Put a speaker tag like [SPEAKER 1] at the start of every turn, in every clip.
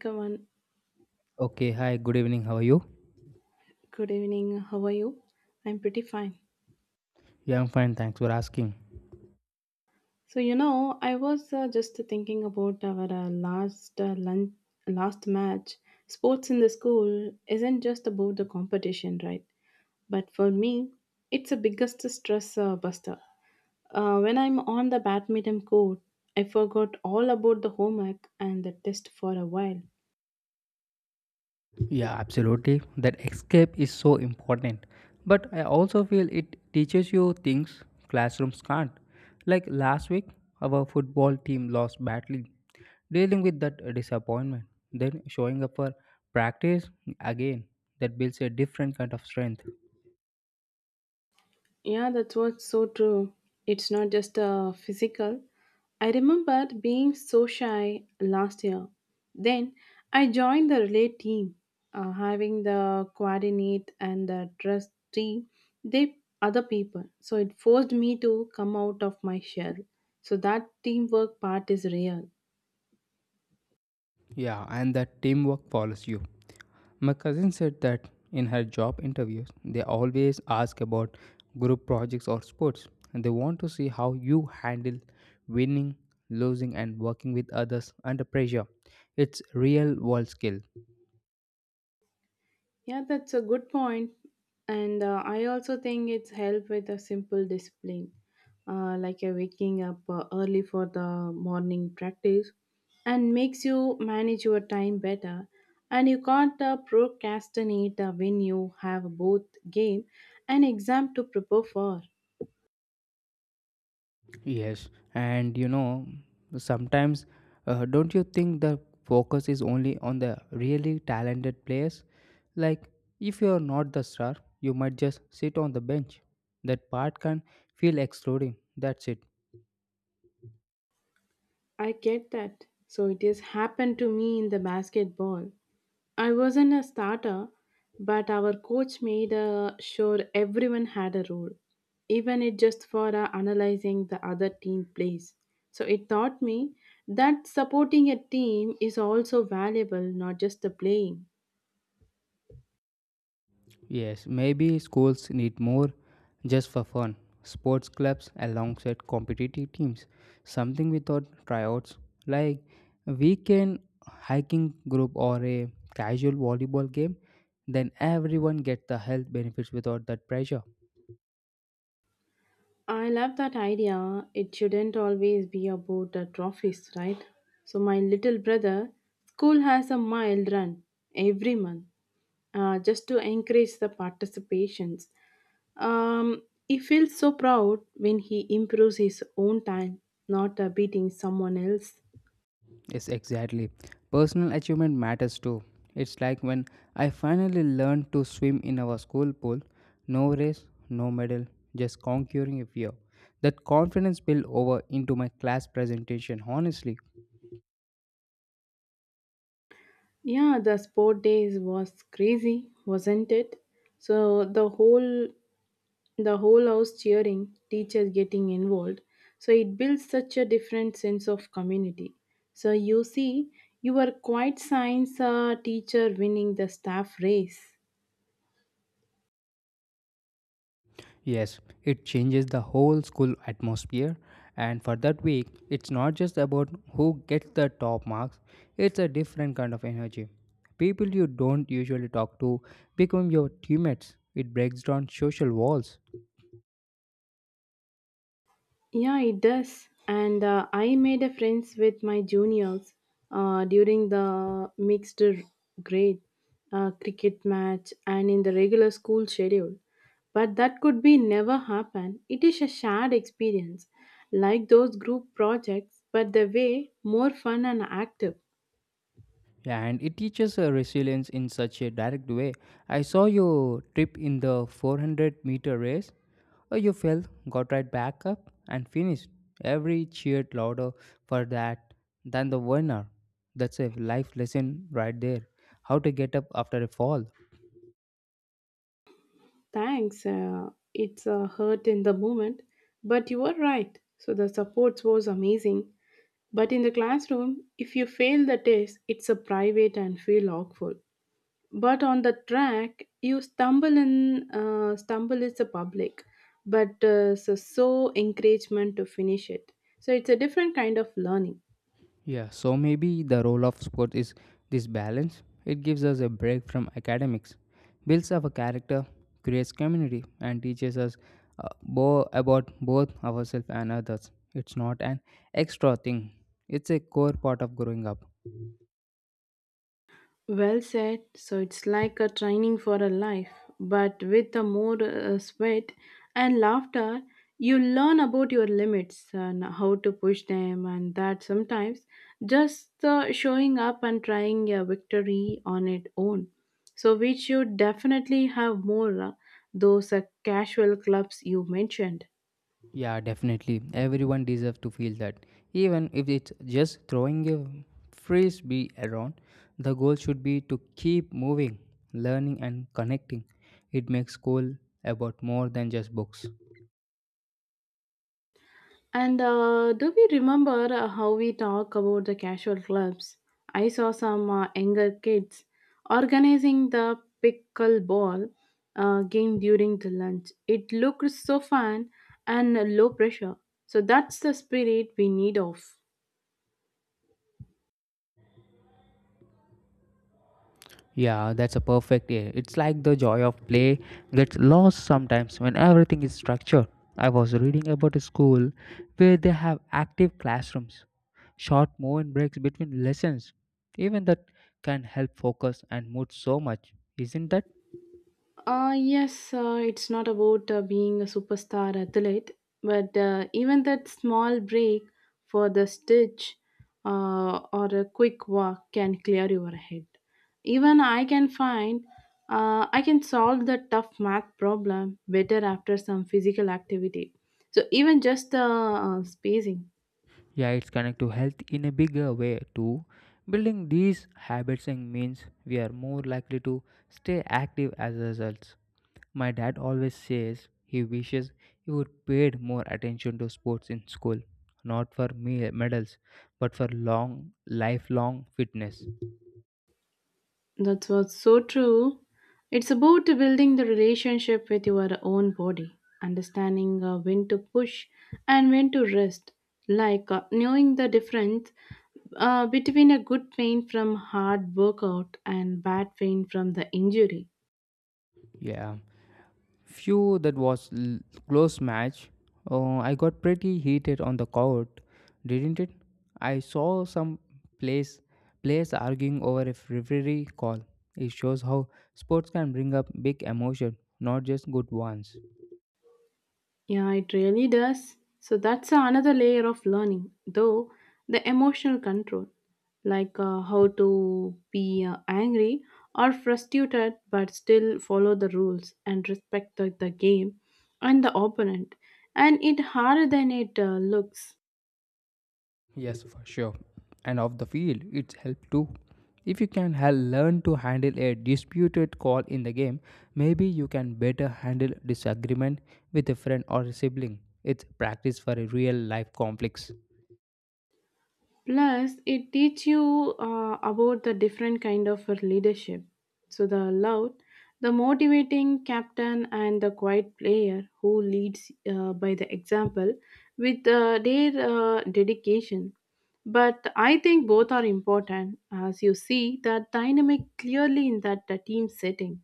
[SPEAKER 1] Come on,
[SPEAKER 2] Okay, hi, good evening. How are you?
[SPEAKER 1] good evening. How are you? I'm pretty fine.
[SPEAKER 2] Yeah, I'm fine. Thanks for asking.
[SPEAKER 1] I was just thinking about our last match. Sports in the school isn't just about the competition, right? But for me, it's the biggest stress buster. When I'm on the badminton court, I forgot all about the homework and the test for a while.
[SPEAKER 2] Yeah, absolutely. That escape is so important. But I also feel it teaches you things classrooms can't. Like last week, our football team lost badly. Dealing with that disappointment, then showing up for practice again, that builds a different kind of strength.
[SPEAKER 1] Yeah, that's what's so true. It's not just physical. I remembered being so shy last year. Then I joined the relay team, having the coordinate and the trust team, they other people. So it forced me to come out of my shell. So that teamwork part is real.
[SPEAKER 2] Yeah, and that teamwork follows you. My cousin said that in her job interviews, they always ask about group projects or sports. They want to see how you handle winning, losing, and working with others under pressure. It's real world skill.
[SPEAKER 1] Yeah, that's a good point. And I also think it's helped with a simple discipline, like a waking up early for the morning practice, and makes you manage your time better. And you can't procrastinate when you have both game and exam to prepare for.
[SPEAKER 2] Yes, and sometimes don't you think the focus is only on the really talented players? Like, if you're not the star, you might just sit on the bench. That part can feel excluding. That's it.
[SPEAKER 1] I get that. So it has happened to me in the basketball. I wasn't a starter, but our coach made sure everyone had a role, even it just for analyzing the other team plays. So it taught me that supporting a team is also valuable, not just the playing.
[SPEAKER 2] Yes, maybe schools need more just for fun. Sports clubs alongside competitive teams. Something without tryouts, like a weekend hiking group or a casual volleyball game. Then everyone gets the health benefits without that pressure.
[SPEAKER 1] I love that idea. It shouldn't always be about the trophies, right? So, my little brother, school has a mile run every month just to encourage the participations. He feels so proud when he improves his own time, not beating someone else.
[SPEAKER 2] Yes, exactly. Personal achievement matters too. It's like when I finally learned to swim in our school pool, no race, no medal, just conquering a fear. That confidence spilled over into my class presentation, honestly.
[SPEAKER 1] Yeah, the sport days was crazy, wasn't it? So the whole house cheering, teachers getting involved. So it builds such a different sense of community. So you see, your quiet science teacher winning the staff race.
[SPEAKER 2] Yes, it changes the whole school atmosphere. And for that week, it's not just about who gets the top marks, it's a different kind of energy. People you don't usually talk to become your teammates. It breaks down social walls.
[SPEAKER 1] Yeah, it does. And I made a friends with my juniors during the mixed r- grade cricket match and in the regular school schedule. But that could be never happen. It is a shared experience, like those group projects, but the way more fun and active.
[SPEAKER 2] Yeah, and it teaches resilience in such a direct way. I saw your trip in the 400-meter race. Oh, you fell, got right back up, and finished. Every cheered louder for that than the winner. That's a life lesson right there. How to get up after a fall.
[SPEAKER 1] Thanks. It's a hurt in the moment, but you are right. So the support was amazing. But in the classroom, if you fail the test, it's a private and feel awful. But on the track, you stumble in, stumble is a public, but so encouragement to finish it. So it's a different kind of learning.
[SPEAKER 2] Yeah, so maybe the role of sport is this balance. It gives us a break from academics, builds our character, creates community, and teaches us about both ourselves and others. It's not an extra thing, it's a core part of growing up.
[SPEAKER 1] Well said. So it's like a training for a life, but with a more sweat and laughter, you learn about your limits and how to push them, and that sometimes just showing up and trying a victory on its own. So we should definitely have more those casual clubs you mentioned.
[SPEAKER 2] Yeah, definitely. Everyone deserves to feel that. Even if it's just throwing a frisbee around, the goal should be to keep moving, learning, and connecting. It makes school about more than just books.
[SPEAKER 1] And do we remember how we talk about the casual clubs? I saw some younger kids organizing the pickleball game during the lunch. It looked so fun and low pressure. So that's the spirit we need of.
[SPEAKER 2] Yeah, that's a perfect. Yeah. It's like the joy of play gets lost sometimes when everything is structured. I was reading about a school where they have active classrooms, short movement breaks between lessons. Even that can help focus and mood so much, isn't that?
[SPEAKER 1] Yes, it's not about being a superstar athlete, but even that small break for the stitch or a quick walk can clear your head. Even I can find I can solve the tough math problem better after some physical activity. So even just the spacing.
[SPEAKER 2] Yeah, it's connected to health in a bigger way too. Building these habits and means we are more likely to stay active as a result. My dad always says he wishes he would paid more attention to sports in school, not for me medals, but for long lifelong fitness.
[SPEAKER 1] That's what's so true. It's about building the relationship with your own body, understanding when to push and when to rest, like knowing the difference between a good pain from hard workout and bad pain from the injury.
[SPEAKER 2] Yeah. Few that was close match. I got pretty heated on the court, didn't it? I saw some place players arguing over a referee call. It shows how sports can bring up big emotion, not just good ones.
[SPEAKER 1] Yeah, it really does. So that's another layer of learning, though the emotional control, like how to be angry or frustrated but still follow the rules and respect the game and the opponent. And it harder than it looks.
[SPEAKER 2] Yes, for sure. And off the field, it's help too. If you can learn to handle a disputed call in the game, maybe you can better handle disagreement with a friend or a sibling. It's practice for a real life conflicts.
[SPEAKER 1] Plus it teach you about the different kind of leadership, so the loud the motivating captain and the quiet player who leads by the example with their dedication. But I think both are important as you see that dynamic clearly in that team setting.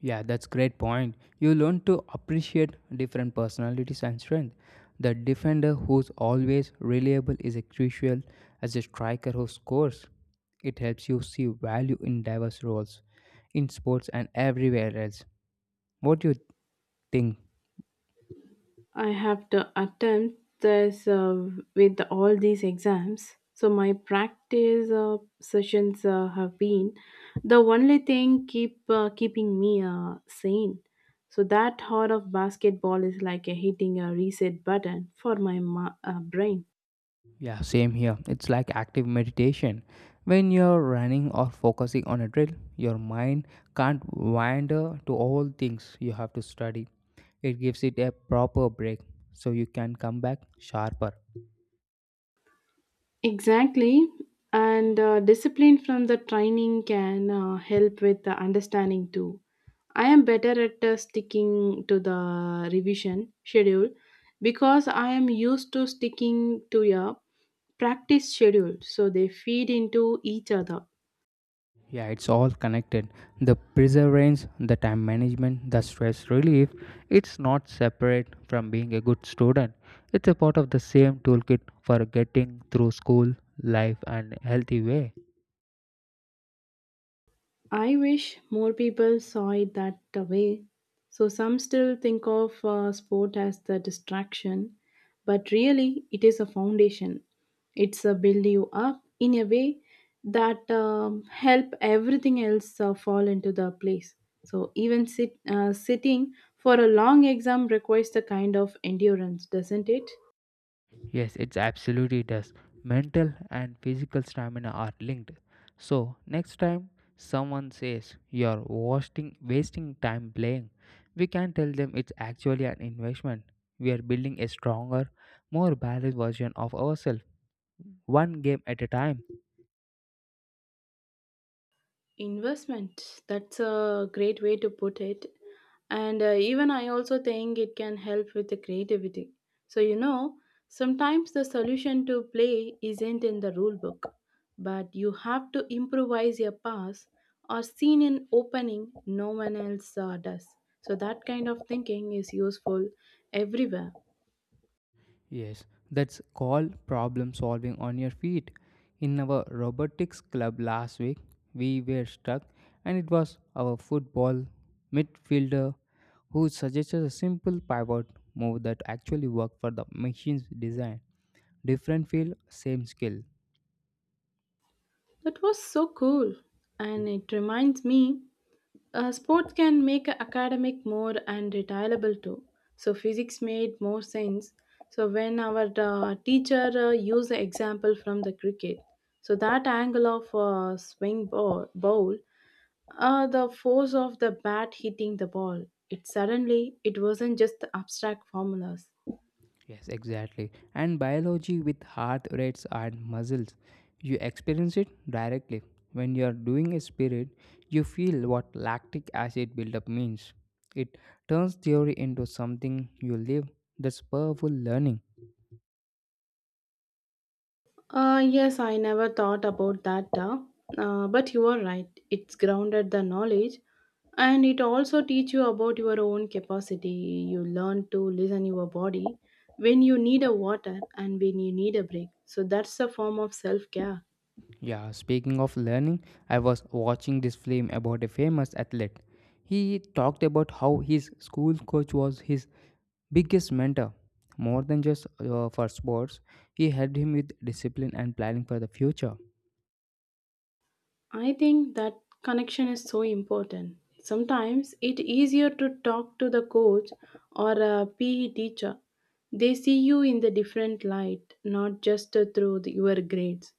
[SPEAKER 2] Yeah, that's great point. You learn to appreciate different personalities and strength. The defender who's always reliable is a crucial as a striker who scores. It helps you see value in diverse roles in sports and everywhere else. What do you think?
[SPEAKER 1] I have to attempt this with all these exams. So my practice sessions have been the only thing keeping me sane. So that hard of basketball is like a hitting a reset button for my brain.
[SPEAKER 2] Yeah, same here. It's like active meditation. When you're running or focusing on a drill, your mind can't wander to all things you have to study. It gives it a proper break so you can come back sharper.
[SPEAKER 1] Exactly. And discipline from the training can help with the understanding too. I am better at sticking to the revision schedule because I am used to sticking to a practice schedule, so they feed into each other.
[SPEAKER 2] Yeah, it's all connected. The perseverance, the time management, the stress relief, it's not separate from being a good student. It's a part of the same toolkit for getting through school, life, and healthy way.
[SPEAKER 1] I wish more people saw it that way. So some still think of sport as the distraction, but really it is a foundation. It's a build you up in a way that help everything else fall into the place. So even sitting for a long exam requires the kind of endurance, doesn't it?
[SPEAKER 2] Yes, it absolutely does. Mental and physical stamina are linked. So, next time someone says you're wasting time playing, we can tell them it's actually an investment. We are building a stronger, more balanced version of ourselves, one game at a time.
[SPEAKER 1] Investment. That's a great way to put it. And even I also think it can help with the creativity. So, you know, sometimes the solution to play isn't in the rule book, but you have to improvise your pass or scene in opening no one else does. So, that kind of thinking is useful everywhere.
[SPEAKER 2] Yes, that's called problem solving on your feet. In our robotics club last week, we were stuck, and it was our football midfielder who suggested a simple pivot move that actually worked for the machine's design. Different field, same skill.
[SPEAKER 1] That was so cool. And it reminds me sports can make academic more and retireable too. So physics made more sense. So when our teacher used the example from the cricket, so that angle of swing ball, bowl, the force of the bat hitting the ball, it suddenly it wasn't just abstract formulas.
[SPEAKER 2] Yes, exactly. And biology with heart rates and muscles, you experience it directly. When you are doing a spirit, you feel what lactic acid buildup means. It turns theory into something you live. That's powerful learning.
[SPEAKER 1] Yes, I never thought about that, but you are right. It's grounded the knowledge and it also teach you about your own capacity. You learn to listen your body when you need a water and when you need a break. So that's a form of self-care.
[SPEAKER 2] Yeah, speaking of learning, I was watching this film about a famous athlete. He talked about how his school coach was his biggest mentor. More than just for sports, he helped him with discipline and planning for the future.
[SPEAKER 1] I think that connection is so important. Sometimes it's easier to talk to the coach or a PE teacher. They see you in the different light, not just your grades.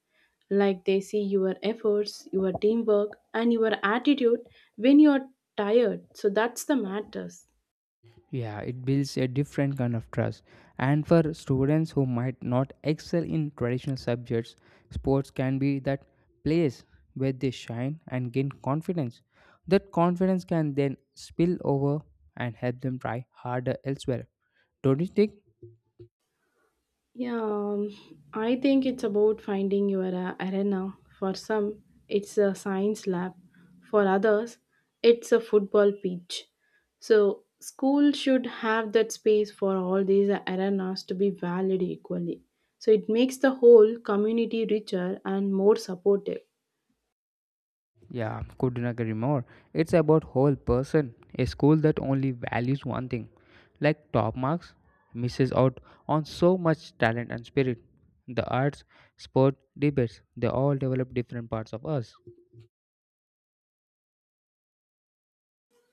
[SPEAKER 1] Like they see your efforts, your teamwork, and your attitude when you are tired. So that's the matters.
[SPEAKER 2] Yeah, it builds a different kind of trust. And for students who might not excel in traditional subjects, sports can be that place where they shine and gain confidence. That confidence can then spill over and help them try harder elsewhere. Don't you think?
[SPEAKER 1] Yeah, I think it's about finding your arena. For some, it's a science lab. For others, it's a football pitch. So, school should have that space for all these arenas to be valued equally. So, it makes the whole community richer and more supportive.
[SPEAKER 2] Yeah, couldn't agree more. It's about whole person. A school that only values one thing, like top marks, misses out on so much talent and spirit. The arts, sport, debates, they all develop different parts of us.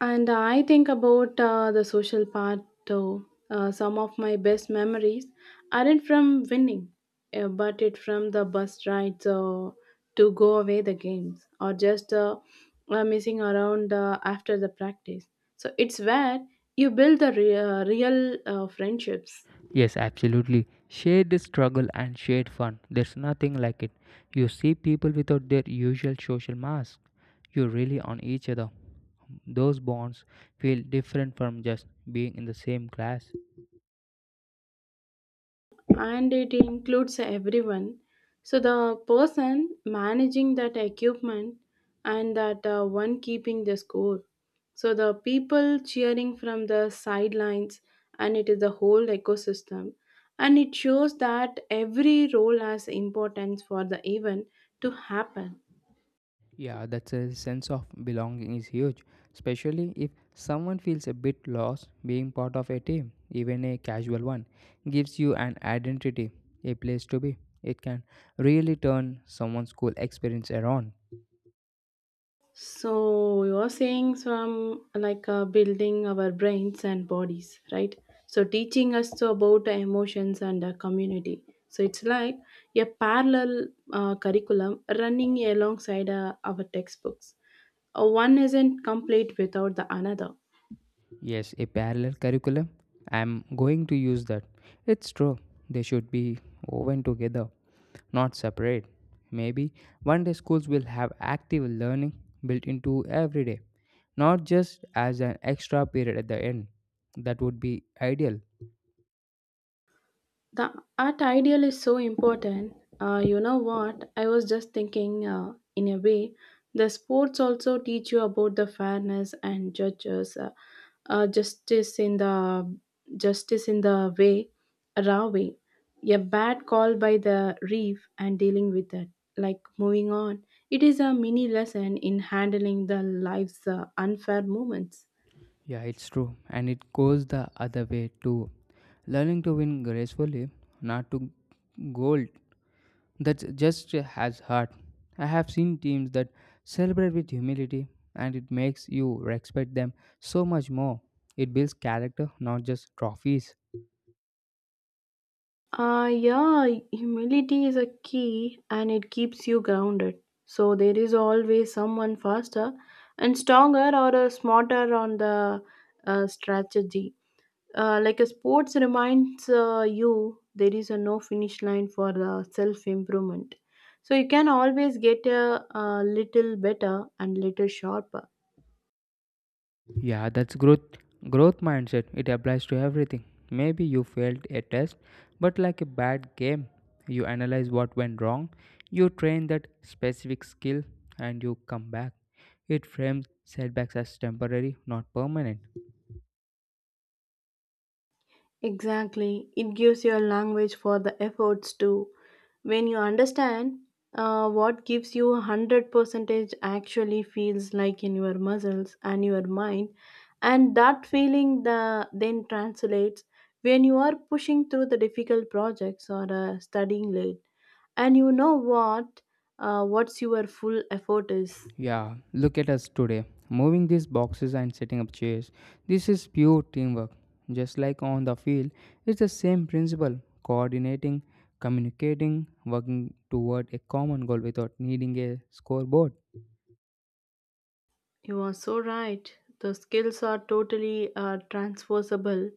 [SPEAKER 1] And I think about the social part too. Some of my best memories aren't from winning, but it from the bus rides to go away the games or just missing around after the practice. So it's where you build the real friendships.
[SPEAKER 2] Yes, absolutely. Shared struggle and shared fun. There's nothing like it. You see people without their usual social mask. You really on each other. Those bonds feel different from just being in the same class.
[SPEAKER 1] And it includes everyone. So the person managing that equipment and that one keeping the score. So the people cheering from the sidelines and it is the whole ecosystem. And it shows that every role has importance for the event to happen.
[SPEAKER 2] Yeah, that's a sense of belonging is huge, especially if someone feels a bit lost, being part of a team, even a casual one, gives you an identity, a place to be. It can really turn someone's school experience around.
[SPEAKER 1] So you're saying some like building our brains and bodies, right? So teaching us to about the emotions and the community. So it's like a parallel curriculum running alongside our textbooks. One isn't complete without the another.
[SPEAKER 2] Yes, a parallel curriculum. I'm going to use that. It's true. They should be woven together, not separate. Maybe one day schools will have active learning built into every day, not just as an extra period at the end. That would be ideal.
[SPEAKER 1] The art ideal is so important. You know what? I was just thinking, in a way, the sports also teach you about the fairness and justice in the justice in the way, raw way. A bad call by the reef and dealing with it, like moving on. It is a mini lesson in handling the life's unfair moments.
[SPEAKER 2] Yeah, it's true. And it goes the other way too. Learning to win gracefully, not to gold, that just has heart. I have seen teams that celebrate with humility and it makes you respect them so much more. It builds character, not just trophies.
[SPEAKER 1] Yeah, humility is a key and it keeps you grounded. So there is always someone faster and stronger or smarter on the strategy. Like a sports reminds you there is a no finish line for self improvement. So you can always get a little better and little sharper.
[SPEAKER 2] Yeah, that's growth mindset. It applies to everything. Maybe you failed a test, but like a bad game, you analyze what went wrong, you train that specific skill and you come back. It frames setbacks as temporary, not permanent.
[SPEAKER 1] Exactly. It gives your language for the efforts too. When you understand what gives you 100% actually feels like in your muscles and your mind and that then translates when you are pushing through the difficult projects or studying late and you know what what's your full effort is.
[SPEAKER 2] Yeah, look at us today, moving these boxes and setting up chairs. This is pure teamwork. Just like on the field, it's the same principle coordinating, communicating, working toward a common goal without needing a scoreboard.
[SPEAKER 1] You are so right. The skills are totally transversable,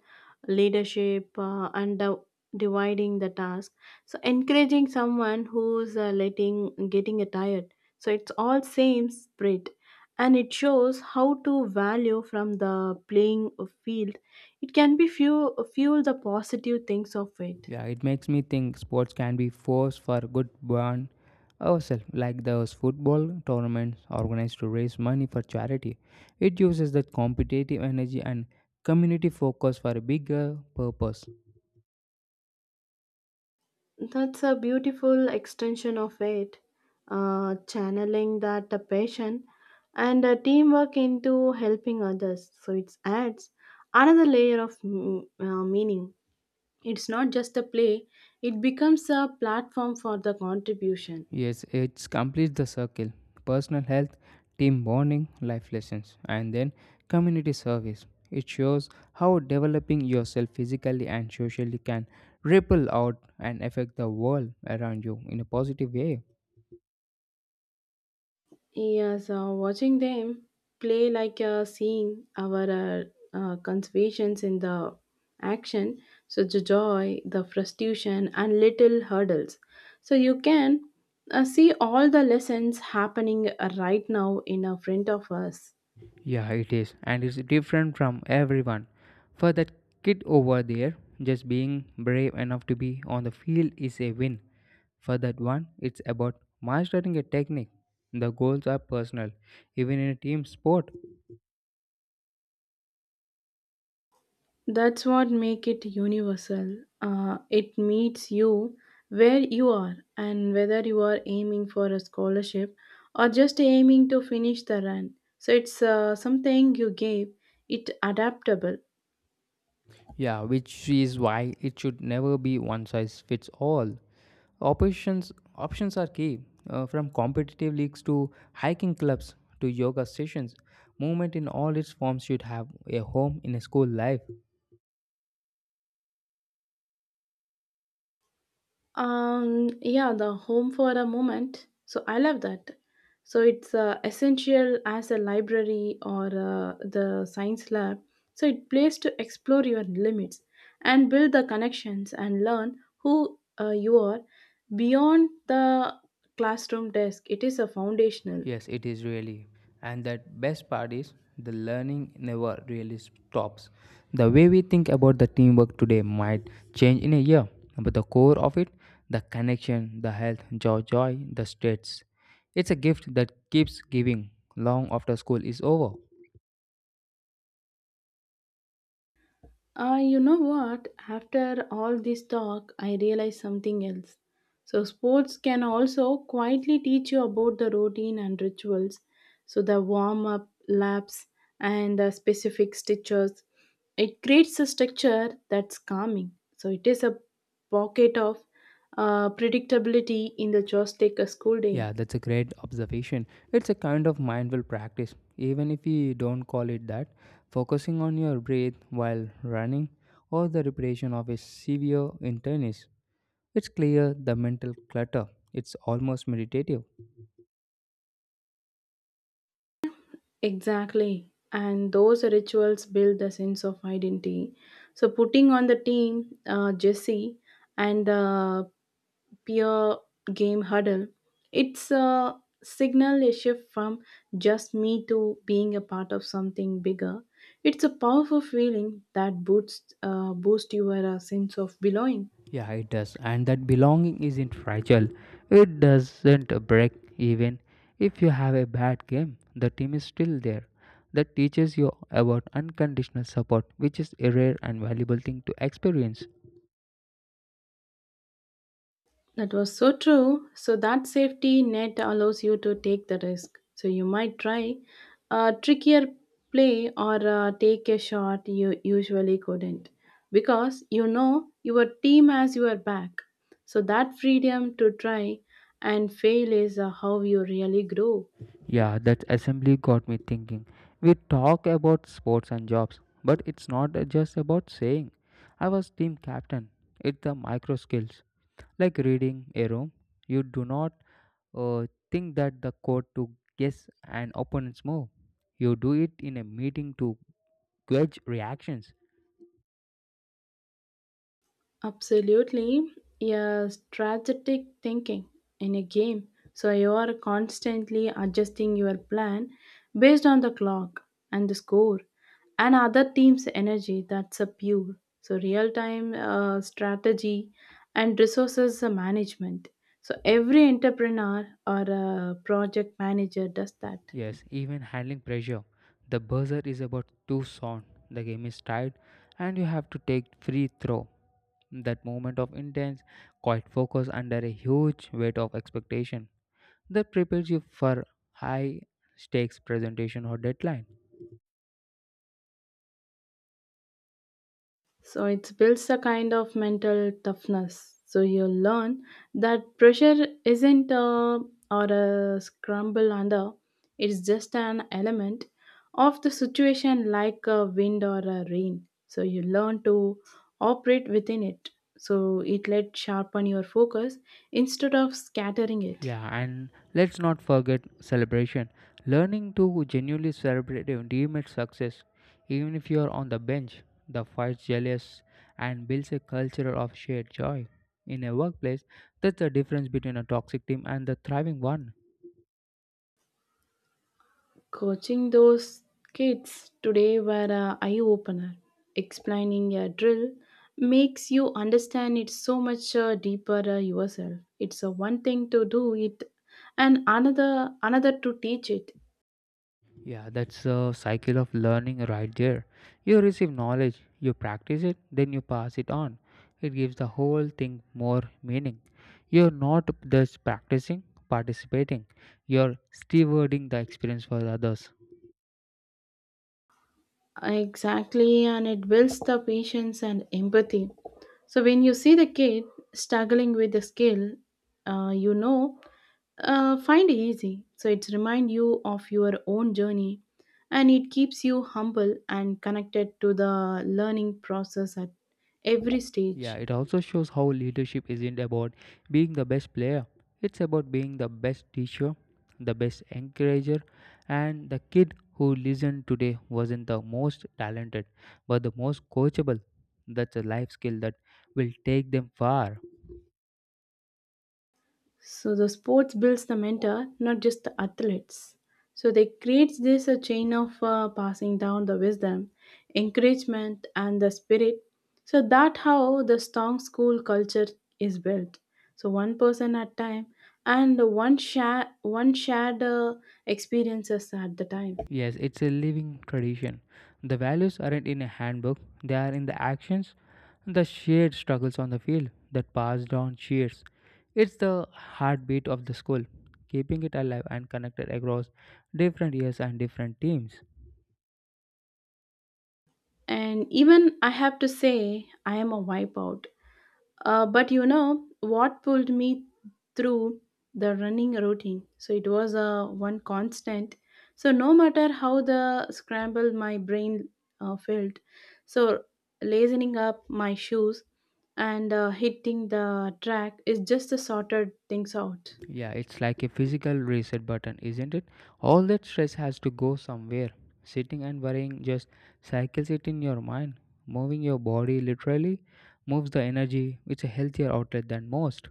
[SPEAKER 1] leadership dividing the task. So encouraging someone who's letting getting tired. So it's all same spirit, and it shows how to value from the playing field. It can be fuel the positive things of it.
[SPEAKER 2] Yeah, it makes me think sports can be force for good bond ourselves, like those football tournaments organized to raise money for charity. It uses that competitive energy and community focus for a bigger purpose.
[SPEAKER 1] That's a beautiful extension of it, channeling that passion and teamwork into helping others. So it adds another layer of meaning. It's not just a play, it becomes a platform for the contribution.
[SPEAKER 2] Yes, it completes the circle personal health, team bonding, life lessons, and then community service. It shows how developing yourself physically and socially can ripple out and affect the world around you in a positive way.
[SPEAKER 1] Yes, watching them play like seeing our conservations in the action, so the joy, the frustration, and little hurdles. So you can see all the lessons happening right now in front of us.
[SPEAKER 2] Yeah, it is, and it's different from everyone. For that kid over there, just being brave enough to be on the field is a win. For that one, it's about mastering a technique. The goals are personal, even in a team sport.
[SPEAKER 1] That's what make it universal. It meets you where you are and whether you are aiming for a scholarship or just aiming to finish the run. So it's something you gave it adaptable.
[SPEAKER 2] Yeah, which is why it should never be one size fits all. Options are key. From competitive leagues to hiking clubs to yoga sessions, movement in all its forms should have a home in a school life.
[SPEAKER 1] Yeah, the home for a moment. So I love that. So it's essential as a library or the science lab. So it plays to explore your limits and build the connections and learn who you are beyond the classroom desk. It is a foundational.
[SPEAKER 2] Yes, it is really. And that best part is the learning never really stops. The way we think about the teamwork today might change in a year, but the core of it, the connection, the health, joy, the states. It's a gift that keeps giving long after school is over.
[SPEAKER 1] You know what? After all this talk, I realized something else. So, sports can also quietly teach you about the routine and rituals. So, the warm up, laps, and the specific stitches. It creates a structure that's calming. So, it is a pocket of predictability in the just take a school day.
[SPEAKER 2] Yeah, that's a great observation. It's a kind of mindful practice, even if we don't call it that. Focusing on your breath while running or the repetition of a severe in tennis, it's clear the mental clutter. It's almost meditative.
[SPEAKER 1] Exactly. And those rituals build a sense of identity. So putting on the team, Jesse and the peer game huddle, it's a signal a shift from just me to being a part of something bigger. It's a powerful feeling that boosts your sense of belonging.
[SPEAKER 2] Yeah, it does. And that belonging isn't fragile. It doesn't break even if you have a bad game. The team is still there. That teaches you about unconditional support, which is a rare and valuable thing to experience.
[SPEAKER 1] That was so true. So that safety net allows you to take the risk. So you might try a trickier play or take a shot you usually couldn't because you know your team has your back. So that freedom to try and fail is how you really grow.
[SPEAKER 2] Yeah, that assembly got me thinking. We talk about sports and jobs, but it's not just about saying I was team captain. It's the micro skills, like reading a room, you do not think that the code to guess an opponent's move. You do it in a meeting to gauge reactions.
[SPEAKER 1] Absolutely. Yeah, strategic thinking in a game. So you are constantly adjusting your plan based on the clock and the score and other team's energy that's a pure. So real time strategy and resources management. So every entrepreneur or a project manager does that.
[SPEAKER 2] Yes, even handling pressure. The buzzer is about to sound. The game is tied, and you have to take free throw. That moment of intense, quiet focus under a huge weight of expectation, that prepares you for high stakes presentation or deadline.
[SPEAKER 1] So it builds a kind of mental toughness. So you learn that pressure isn't a or a scramble under. It's just an element of the situation, like a wind or a rain. So you learn to operate within it. So it let sharpen your focus instead of scattering it.
[SPEAKER 2] Yeah, and let's not forget celebration. Learning to genuinely celebrate your teammate's success, even if you are on the bench, the fights jealous and builds a culture of shared joy. In a workplace, that's the difference between a toxic team and the thriving one.
[SPEAKER 1] Coaching those kids today were a eye opener. Explaining a drill makes you understand it so much deeper yourself. It's one thing to do it, and another to teach it.
[SPEAKER 2] Yeah, that's a cycle of learning right there. You receive knowledge, you practice it, then you pass it on. It gives the whole thing more meaning. You're not just practicing, participating, you're stewarding the experience for others.
[SPEAKER 1] Exactly, and it builds the patience and empathy. So when you see the kid struggling with the skill, you know find easy, so it's remind you of your own journey, and it keeps you humble and connected to the learning process at every
[SPEAKER 2] Yeah,
[SPEAKER 1] stage.
[SPEAKER 2] it also shows how leadership isn't about being the best player. It's about being the best teacher, the best encourager, and the kid who listened today wasn't the most talented, but the most coachable. That's a life skill that will take them far.
[SPEAKER 1] So the sports builds the mentor, not just the athletes. So they creates this a chain of passing down the wisdom, encouragement, and the spirit. So that how the strong school culture is built. So one person at time and one shared experiences at the time.
[SPEAKER 2] Yes, it's a living tradition. The values aren't in a handbook, they are in the actions, the shared struggles on the field that pass down cheers. It's the heartbeat of the school, keeping it alive and connected across different years and different teams.
[SPEAKER 1] And even I have to say, I am a wipeout. But you know what pulled me through the running routine? So it was a one constant. So no matter how the scramble my brain felt, so lazening up my shoes and hitting the track is just the sorted things out.
[SPEAKER 2] Yeah, it's like a physical reset button, isn't it? All that stress has to go somewhere. Sitting and worrying just cycles it in your mind. Moving your body literally moves the energy. It's a healthier outlet than most.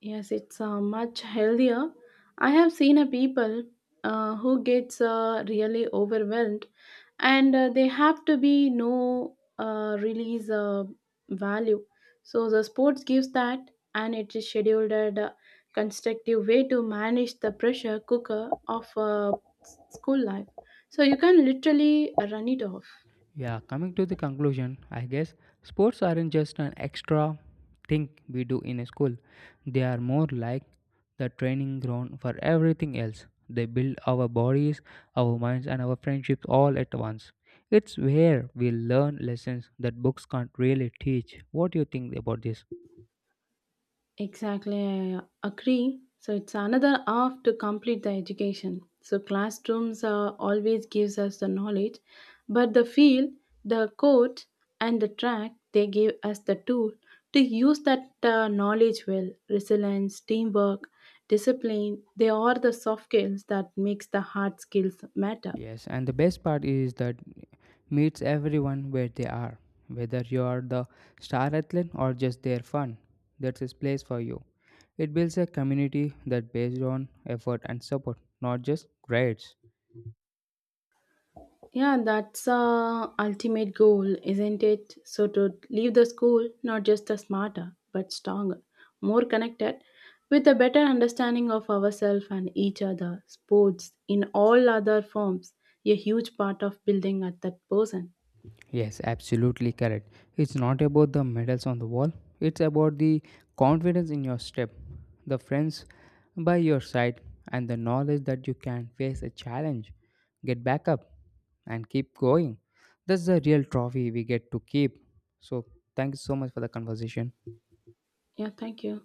[SPEAKER 1] Yes, it's much healthier. I have seen a people who gets really overwhelmed, and they have to be no release value. So the sports gives that, and it is scheduled at a constructive way to manage the pressure cooker of school life. So you can literally run it off.
[SPEAKER 2] Yeah, coming to the conclusion, I guess sports aren't just an extra thing we do in a school. They are more like the training ground for everything else. They build our bodies, our minds, and our friendships all at once. It's where we learn lessons that books can't really teach. What do you think about this?
[SPEAKER 1] Exactly, I agree. So it's another half to complete the education. So classrooms always gives us the knowledge, but the field, the court, and the track they give us the tool to use that knowledge well. Resilience, teamwork, discipline. They are the soft skills that makes the hard skills matter.
[SPEAKER 2] Yes, and the best part is that meets everyone where they are, whether you are the star athlete or just their fun. That's a place for you. It builds a community that based on effort and support, not just grades.
[SPEAKER 1] Yeah, that's ultimate goal, isn't it? So to leave the school not just the smarter, but stronger, more connected, with a better understanding of ourselves and each other. Sports in all other forms, a huge part of building at that person.
[SPEAKER 2] Yes, absolutely correct. It's not about the medals on the wall, it's about the confidence in your step, the friends by your side, and the knowledge that you can face a challenge, get back up, and keep going. That's the real trophy we get to keep. So, thank you so much for the conversation.
[SPEAKER 1] Yeah, thank you.